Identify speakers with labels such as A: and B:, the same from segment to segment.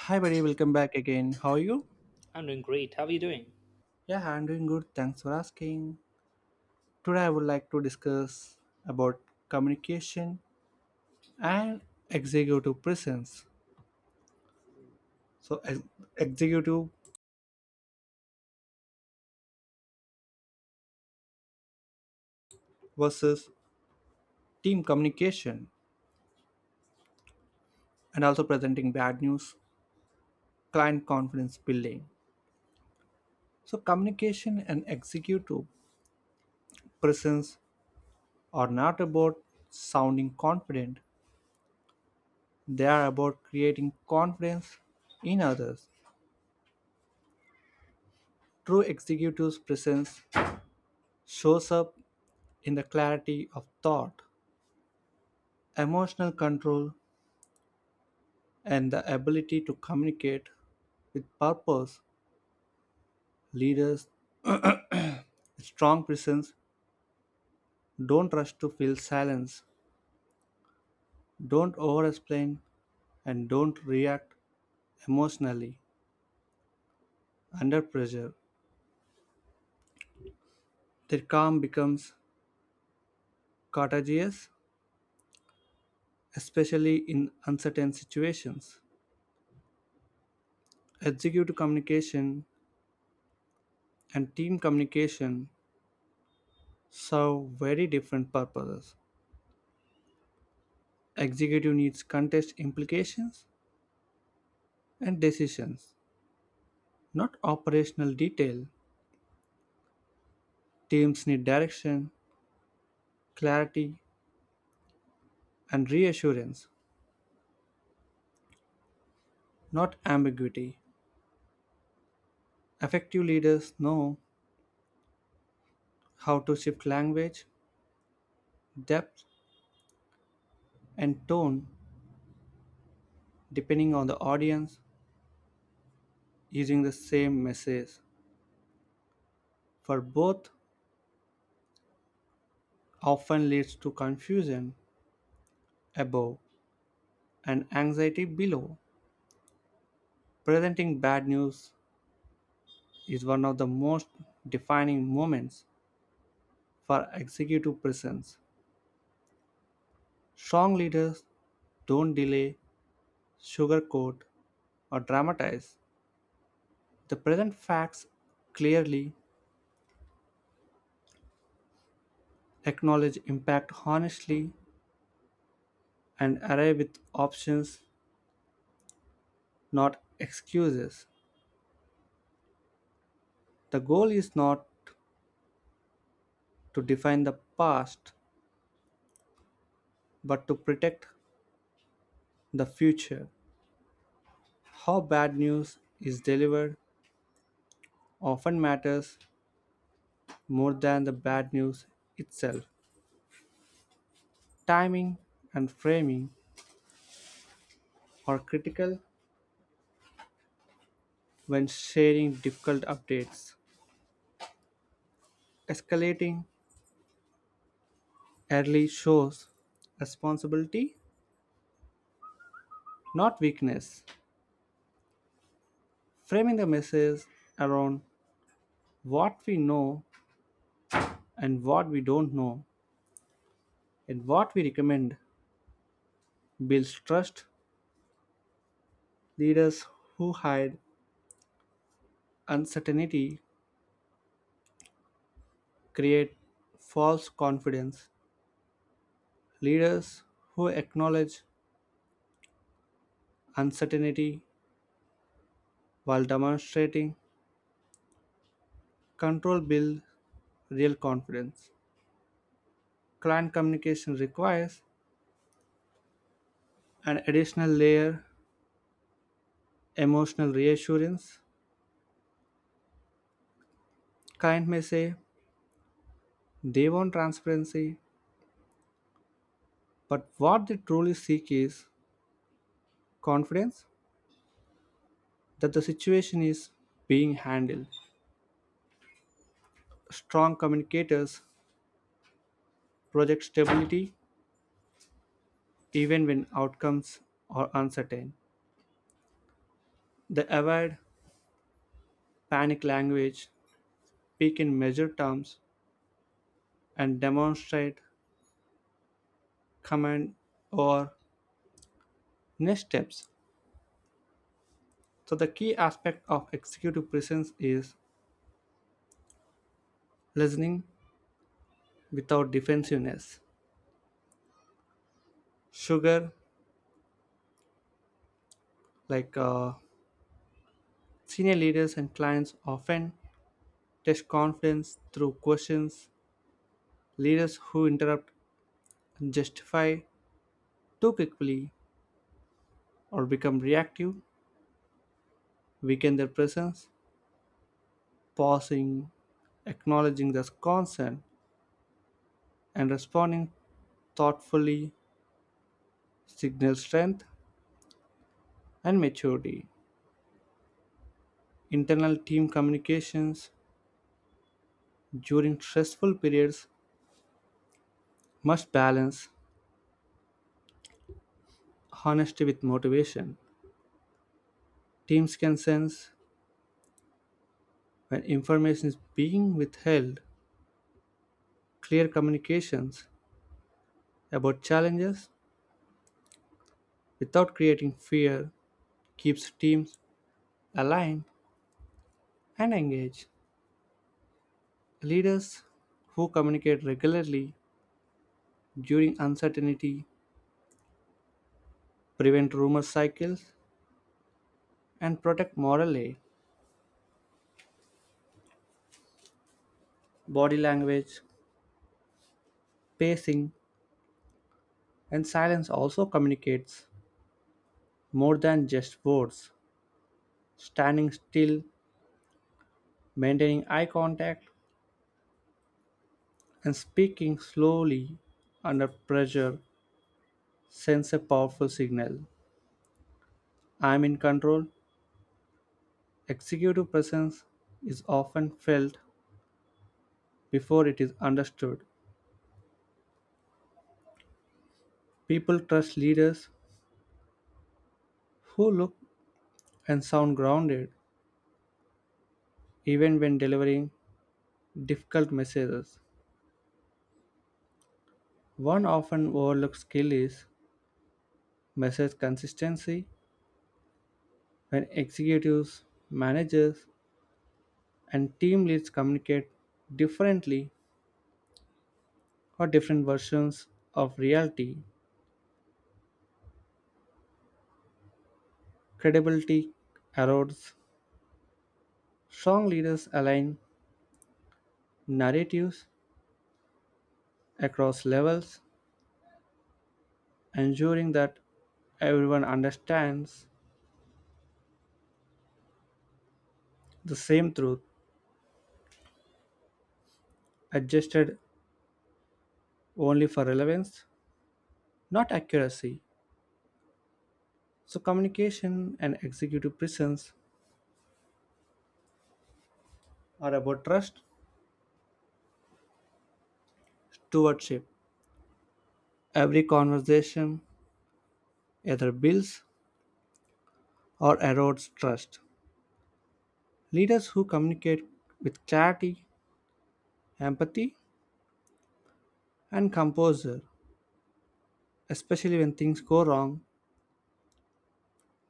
A: Hi, buddy. Welcome back again. How are you?
B: I'm doing great. How are you doing?
A: Yeah, I'm doing good. Thanks for asking. Today, I would like to discuss about communication and executive presence. So, executive versus team communication, and also presenting bad news, client confidence building. So, communication and executive presence are not about sounding confident, they are about creating confidence in others. True executive's presence shows up in the clarity of thought, emotional control, and the ability to communicate with purpose. Leaders with strong presence don't rush to fill silence, don't over explain, and don't react emotionally under pressure. Their calm becomes contagious, especially in uncertain situations. Executive communication and team communication serve very different purposes. Executive needs context implications and decisions, not operational detail. Teams need direction, clarity, and reassurance, not ambiguity. Effective leaders know how to shift language, depth, and tone depending on the audience using the same message. For both often leads to confusion above and anxiety below. Presenting bad news is one of the most defining moments for executive presence. Strong leaders don't delay, sugarcoat, or dramatize. They present facts clearly, acknowledge impact honestly, and arrive with options, not excuses. The goal is not to define the past, but to protect the future. How bad news is delivered often matters more than the bad news itself. Timing and framing are critical when sharing difficult updates. Escalating early shows responsibility, not weakness. Framing the message around what we know and what we don't know and what we recommend builds trust. Leaders who hide uncertainty create false confidence. Leaders who acknowledge uncertainty while demonstrating control build real confidence. Client communication requires an additional layer emotional reassurance. Client may say they want transparency, but what they truly seek is confidence that the situation is being handled. Strong communicators project stability even when outcomes are uncertain. They avoid panic language, speak in measured terms, and demonstrate command or next steps. So, the key aspect of executive presence is listening without defensiveness. Sugar, like senior leaders and clients, often test confidence through questions. Leaders who interrupt and justify too quickly or become reactive weaken their presence. Pausing, acknowledging the concern, and responding thoughtfully signals strength and maturity. Internal team communications during stressful periods must balance honesty with motivation. Teams can sense when information is being withheld. Clear communications about challenges without creating fear keeps teams aligned and engaged. Leaders who communicate regularly during uncertainty prevent rumor cycles and protect morale. Body language, pacing, and silence also communicates more than just words. Standing still, maintaining eye contact, and speaking slowly under pressure sends a powerful signal. I'm in control. Executive presence is often felt before it is understood. People trust leaders who look and sound grounded even when delivering difficult messages. One often overlooked skill is message consistency. When executives, managers, and team leads communicate differently or different versions of reality. Credibility erodes. Strong leaders align narratives across levels, ensuring that everyone understands the same truth, adjusted only for relevance, not accuracy. So, communication and executive presence are about trust, stewardship. Every conversation either builds or erodes trust. Leaders who communicate with clarity, empathy, and composure, especially when things go wrong,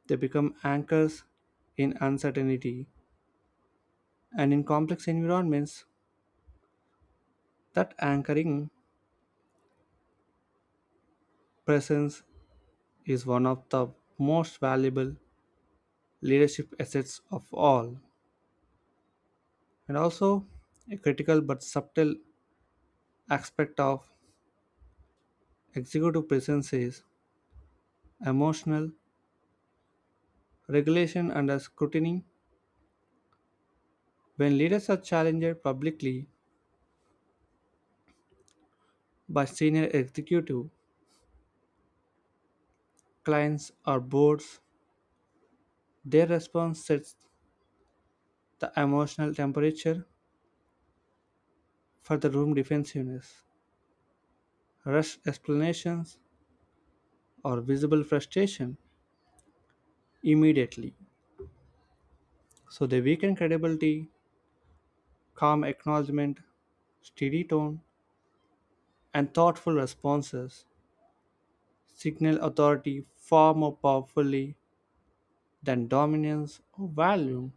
A: they become anchors in uncertainty. And in complex environments, that anchoring presence is one of the most valuable leadership assets of all, and also a critical but subtle aspect of executive presence is emotional regulation under scrutiny. When leaders are challenged publicly, by senior executive clients or boards their response sets the emotional temperature for the room defensiveness rushed explanations or visible frustration immediately so they weaken credibility calm acknowledgement steady tone and thoughtful responses signal authority far more powerfully than dominance or volume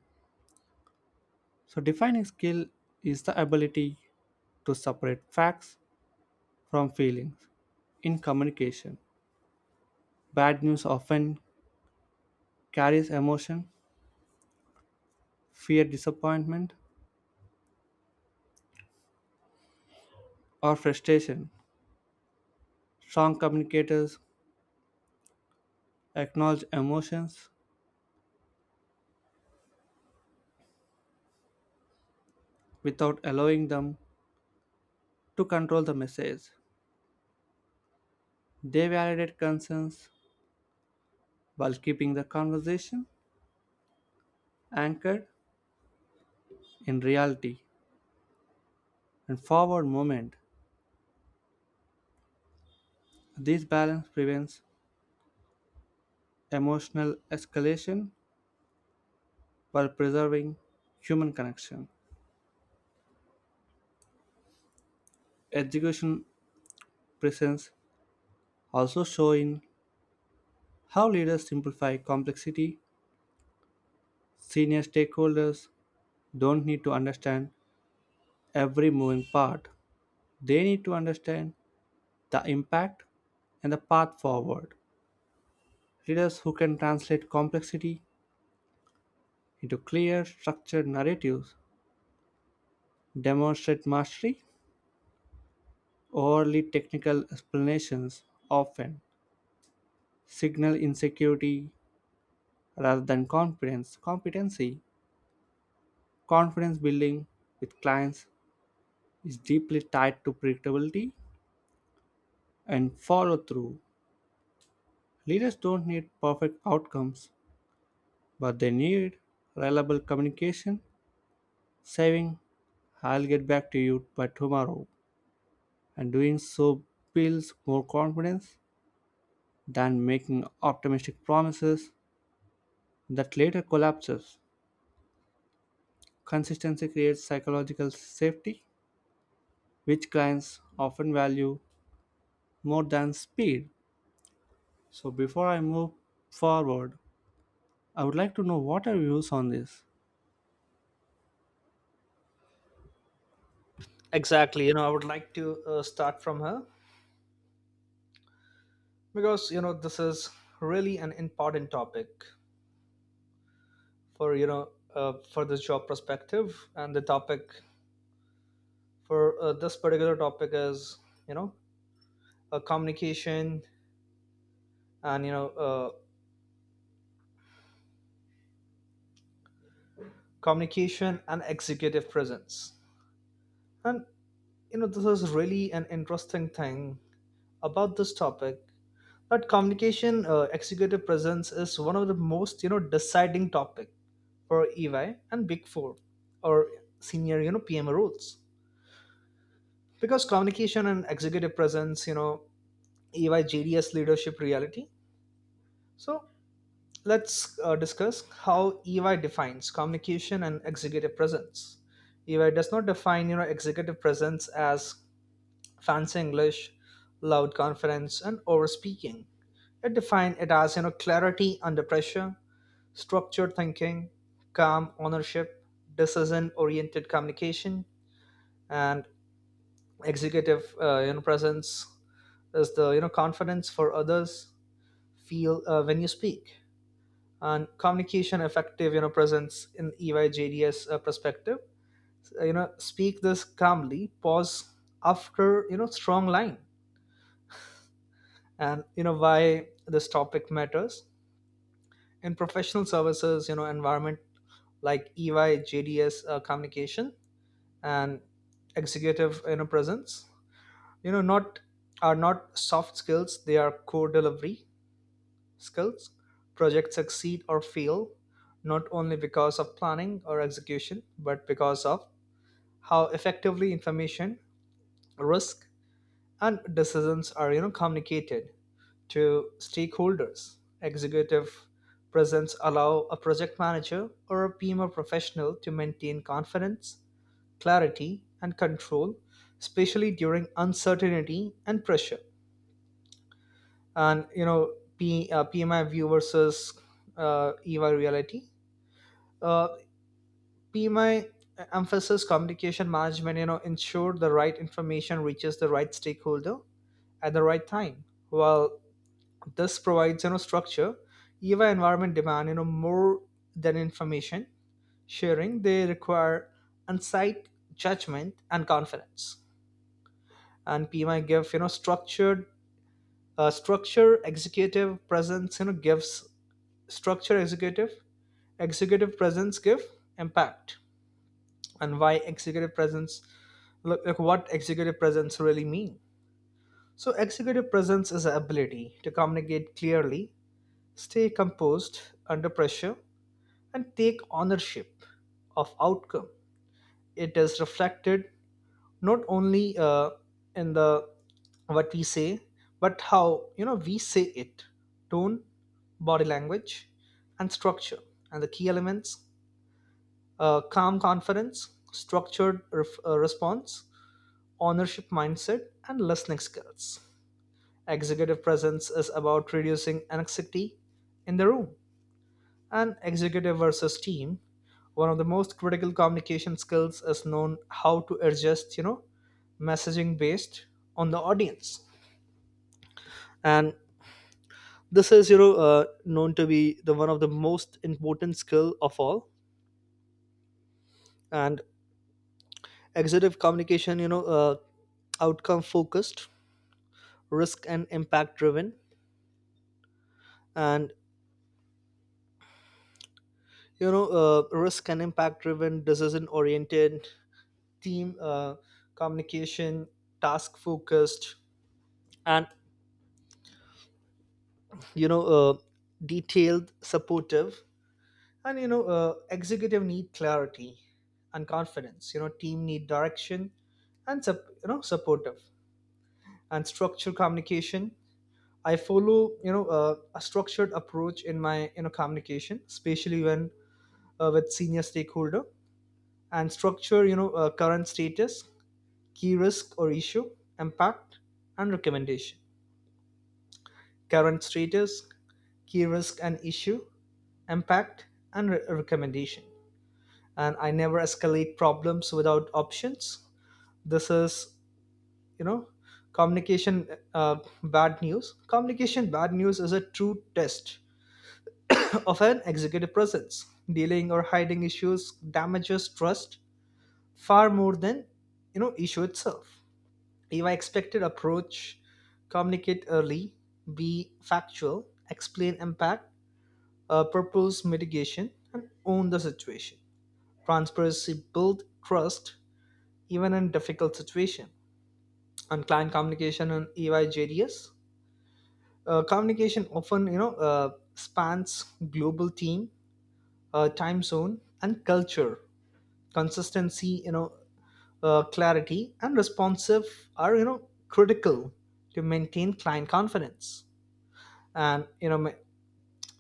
A: so defining skill is the ability to separate facts from feelings. In communication, bad news often carries emotion, fear, disappointment, or frustration. Strong communicators acknowledge emotions without allowing them to control the message. They validate concerns while keeping the conversation anchored in reality and forward movement. This balance prevents emotional escalation while preserving human connection. Education presents also showing how leaders simplify complexity. Senior stakeholders don't need to understand every moving part, they need to understand the impact and the path forward. Leaders who can translate complexity into clear, structured narratives demonstrate mastery. Overly technical explanations often signal insecurity rather than confidence, competency, confidence building with clients is deeply tied to predictability and follow through. Leaders don't need perfect outcomes, but they need reliable communication, saying, I'll get back to you by tomorrow. And doing so builds more confidence than making optimistic promises that later collapses. Consistency creates psychological safety, which clients often value more than speed. So, before I move forward, I would like to know what are your views on this.
B: Exactly. I would like to start from her, because this is really an important topic for you know for this job perspective, and the topic for this particular topic is you know communication and executive presence, and this is really an interesting thing about this topic. But executive presence is one of the most deciding topic for EY and Big Four or senior PM roles, because communication and executive presence EY JDS leadership reality. So let's discuss how EY defines communication and executive presence. EY does not define executive presence as fancy English, loud conference, and over speaking. It defines it as clarity under pressure, structured thinking, calm ownership, decision-oriented communication, and executive presence is the confidence for others feel when you speak, and communication effective presence in EYJDS perspective. Speak this calmly. Pause after strong line, and why this topic matters in professional services. Environment like EY JDS communication and executive presence not are not soft skills, they are core delivery skills. Projects succeed or fail not only because of planning or execution, but because of how effectively information, risk, and decisions are communicated to stakeholders. Executive presence allow a project manager or a PMO professional to maintain confidence, clarity, and control, especially during uncertainty and pressure. And PMI view versus EY reality. Uh, PMI emphasis communication management. Ensure the right information reaches the right stakeholder at the right time. While this provides structure, EY environment demand more than information sharing. They require insight, judgment, and confidence. And PMI give structure. Executive presence gives structure. Executive presence give impact. And why executive presence look like? What executive presence really mean? So executive presence is the ability to communicate clearly, stay composed under pressure, and take ownership of outcome. It is reflected not only in the what we say, but how we say it: tone, body language, and structure. And the key elements: calm conference, structured response, ownership mindset, and listening skills. Executive presence is about reducing anxiety in the room. And executive versus team, one of the most critical communication skills is known how to adjust messaging based on the audience, and this is known to be the one of the most important skill of all. And executive communication, outcome focused, risk and impact driven, and risk and impact driven, decision oriented. Team communication, task focused, and you know uh, detailed supportive. And executive need clarity and confidence, team need direction and supportive and structured communication. I follow a structured approach in my communication, especially when with senior stakeholder, and structure: current status, key risk or issue, impact, and recommendation. Current status, key risk and issue, impact, and recommendation. And I never escalate problems without options. This is, you know, communication uh, bad news. Communication bad news is a true test of an executive presence. Dealing or hiding issues damages trust far more than issue itself. If I expected approach: communicate early, be factual, explain impact, propose mitigation, and own the situation. Transparency build trust even in difficult situation. And client communication and EY communication often spans global team, time zone, and culture. Consistency, clarity, and responsive are critical to maintain client confidence. And you know, ma-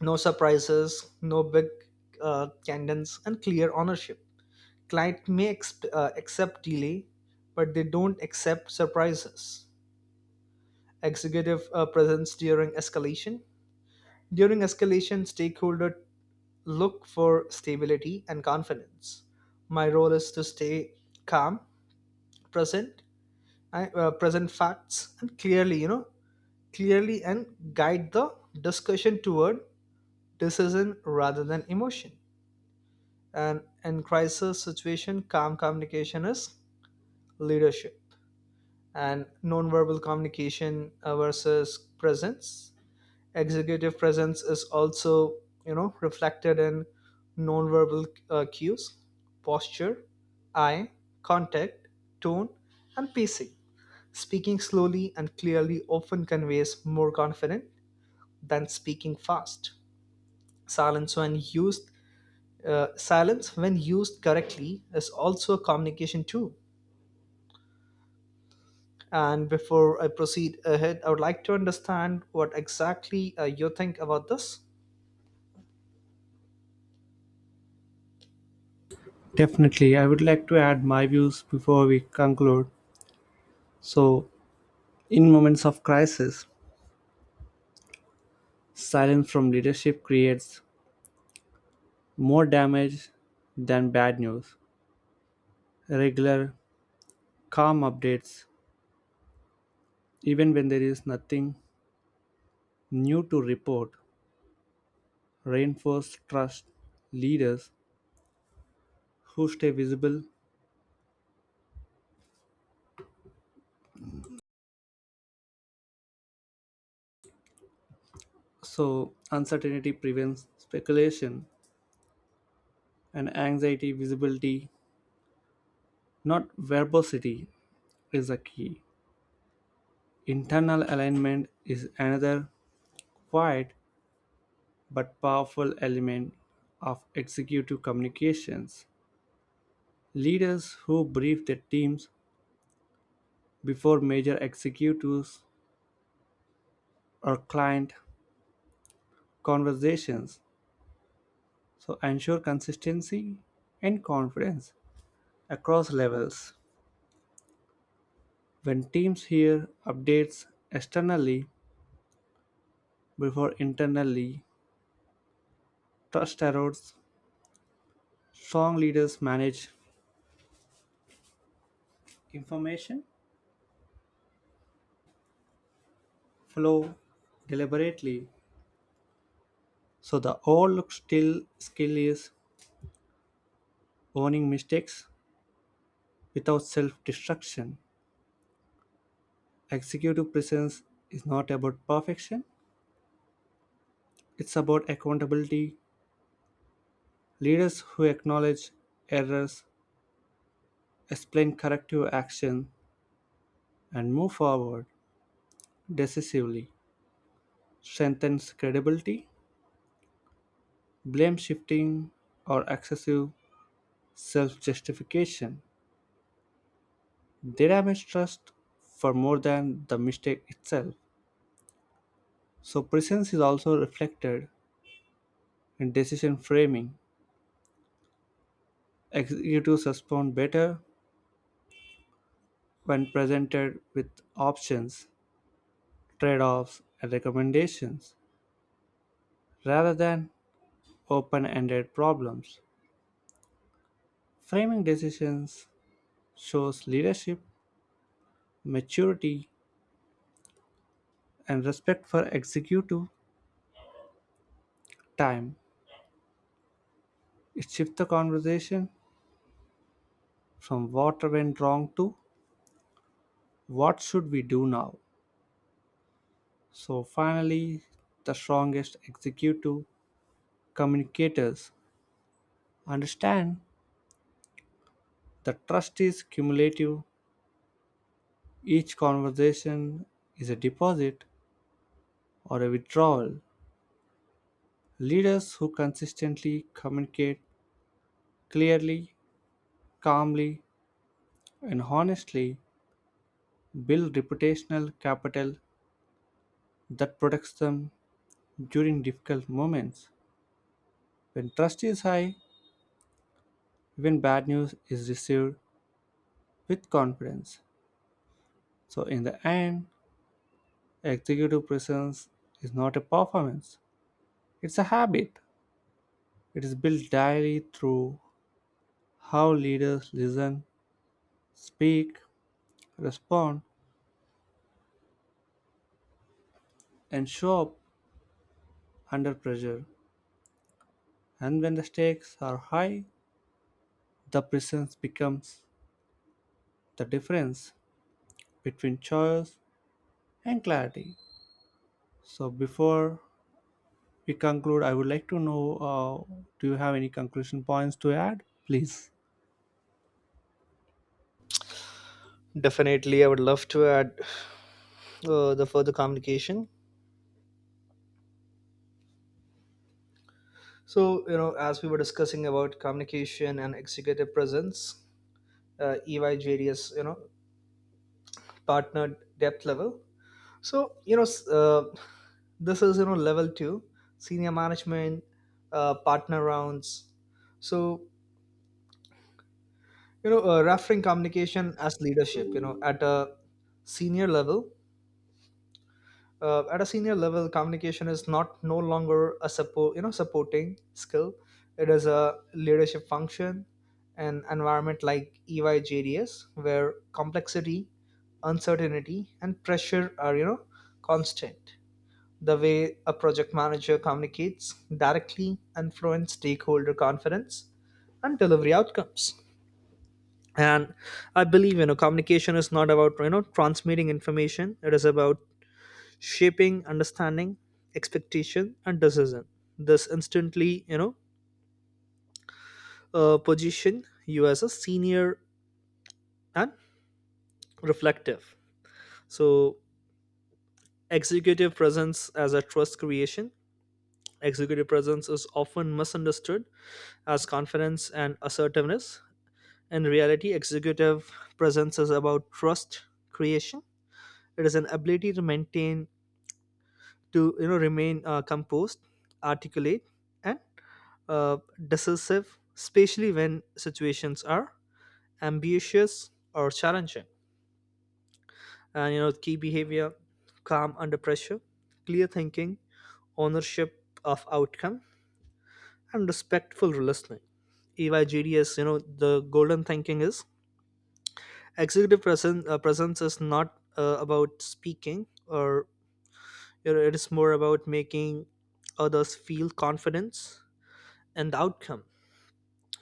B: no surprises, no big cadence, and clear ownership. Client may accept delay, but they don't accept surprises. Executive presence during escalation. During escalation, stakeholder look for stability and confidence. My role is to stay calm, present, present facts, and clearly, and guide the discussion toward decision rather than emotion. And in crisis situation, calm communication is leadership. And nonverbal communication versus presence. Executive presence is also, reflected in nonverbal cues, posture, eye contact, tone, and pacing. Speaking slowly and clearly often conveys more confidence than speaking fast. Silence when used, silence when used correctly, is also a communication tool. And before I proceed ahead, I would like to understand what exactly you think about this.
A: Definitely, I would like to add my views before we conclude. So, in moments of crisis, silence from leadership creates more damage than bad news. Regular, calm updates, even when there is nothing new to report, reinforce trust leaders who stay visible. So, uncertainty prevents speculation and anxiety visibility, not verbosity, is a key. Internal alignment is another quiet but powerful element of executive communications. Leaders who brief their teams before major executives or client conversations so ensure consistency and confidence across levels. When teams hear updates externally before internally, trust erodes. Strong leaders manage information flow deliberately So the old still skill is owning mistakes without self-destruction. Executive presence is not about perfection. It's about accountability. Leaders who acknowledge errors, explain corrective action, and move forward decisively strengthens credibility. Blame shifting or excessive self-justification. They damage trust for more than the mistake itself. So presence is also reflected In decision framing, executives respond better when presented with options, trade offs, and recommendations rather than open ended problems. Framing decisions shows leadership, maturity, and respect for executive time. It shifts the conversation from what went wrong to what should we do now. So, finally, the strongest executive communicators understand The trust is cumulative. Each conversation is a deposit or a withdrawal. Leaders who consistently communicate clearly, calmly, and honestly build reputational capital that protects them during difficult moments. When trust is high, even bad news is received with confidence. So, in the end, executive presence is not a performance, it's a habit. It is built daily through How leaders listen, speak, respond, and show up under pressure. And when the stakes are high, the presence becomes the difference between choice and clarity. So, before we conclude, I would like to know uh, do you have any conclusion points to add? Please.
B: Definitely, I would love to add the further communication. So, as we were discussing about communication and executive presence, EY, you know, partner depth level. So, this is, level two, senior management, partner rounds. So, referring communication as leadership, at a senior level. At a senior level, communication is not no longer a supporting skill, it is a leadership function. An environment like EYJDS where complexity, uncertainty, and pressure are constant. The way a project manager communicates directly influence stakeholder confidence and delivery outcomes. And I believe communication is not about transmitting information, it is about shaping understanding, expectation, and decision. This instantly position you as a senior and reflective. So executive presence as a trust creation. Executive presence is often misunderstood as confidence and assertiveness. In reality, executive presence is about trust creation. It is an ability to maintain to you know remain composed, articulate, and uh, decisive, especially when situations are ambitious or challenging. And key behavior: calm under pressure, clear thinking, ownership of outcome, and respectful listening. EYGDS, the golden thinking is executive presence is not about speaking, or it is more about making others feel confidence and the outcome.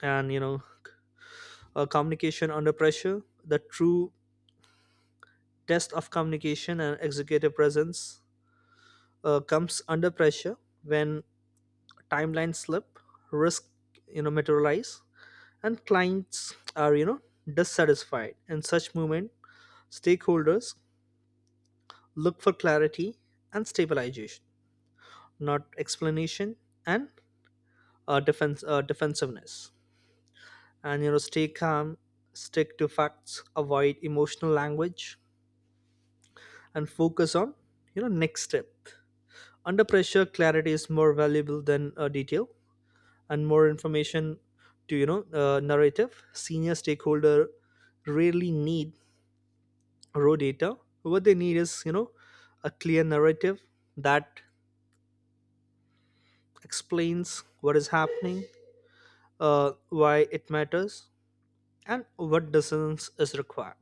B: And communication under pressure, the true test of communication and executive presence comes under pressure. When timelines slip, risk materialize, and clients are dissatisfied in such moment, stakeholders look for clarity and stabilization, not explanation and defense defensiveness. And stay calm, stick to facts, avoid emotional language, and focus on next step. Under pressure, clarity is more valuable than detail and more information. To narrative, senior stakeholder rarely need raw data. What they need is a clear narrative that explains what is happening, why it matters, and what decisions is required.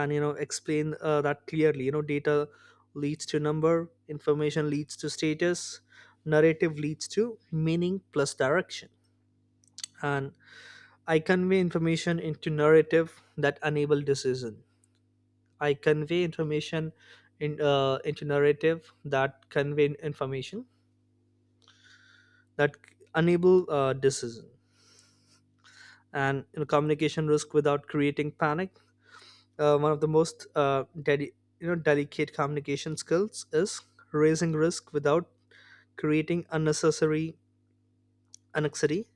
B: And explain that clearly: data leads to number, information leads to status, narrative leads to meaning plus direction. And I convey information into narrative that enable decision. I convey information in into narrative that convey information that enable decision. And, communication risk without creating panic. One of the most delicate communication skills is raising risk without creating unnecessary anxiety.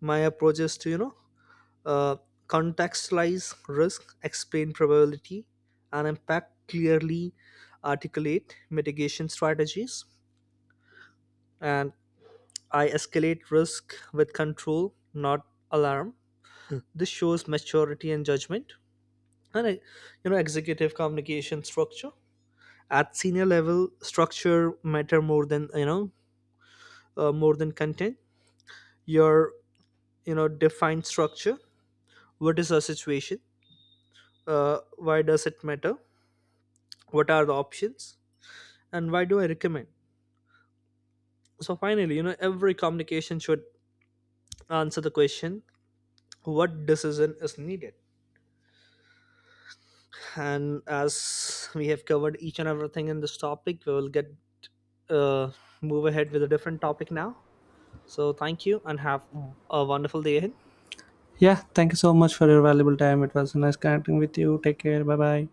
B: My approach is to uh, contextualize risk, explain probability and impact clearly, articulate mitigation strategies, and I escalate risk with control, not alarm. This shows maturity and judgment. And I, executive communication structure at senior level, structure matter more than content. Your defined structure: what is our situation, why does it matter, what are the options, and why do I recommend? So finally, every communication should answer the question: what decision is needed? And as we have covered each and everything in this topic, we will get uh, move ahead with a different topic now. So thank you, and have a wonderful day ahead.
A: Yeah, thank you so much for your valuable time. It was nice connecting with you. Take care. Bye bye.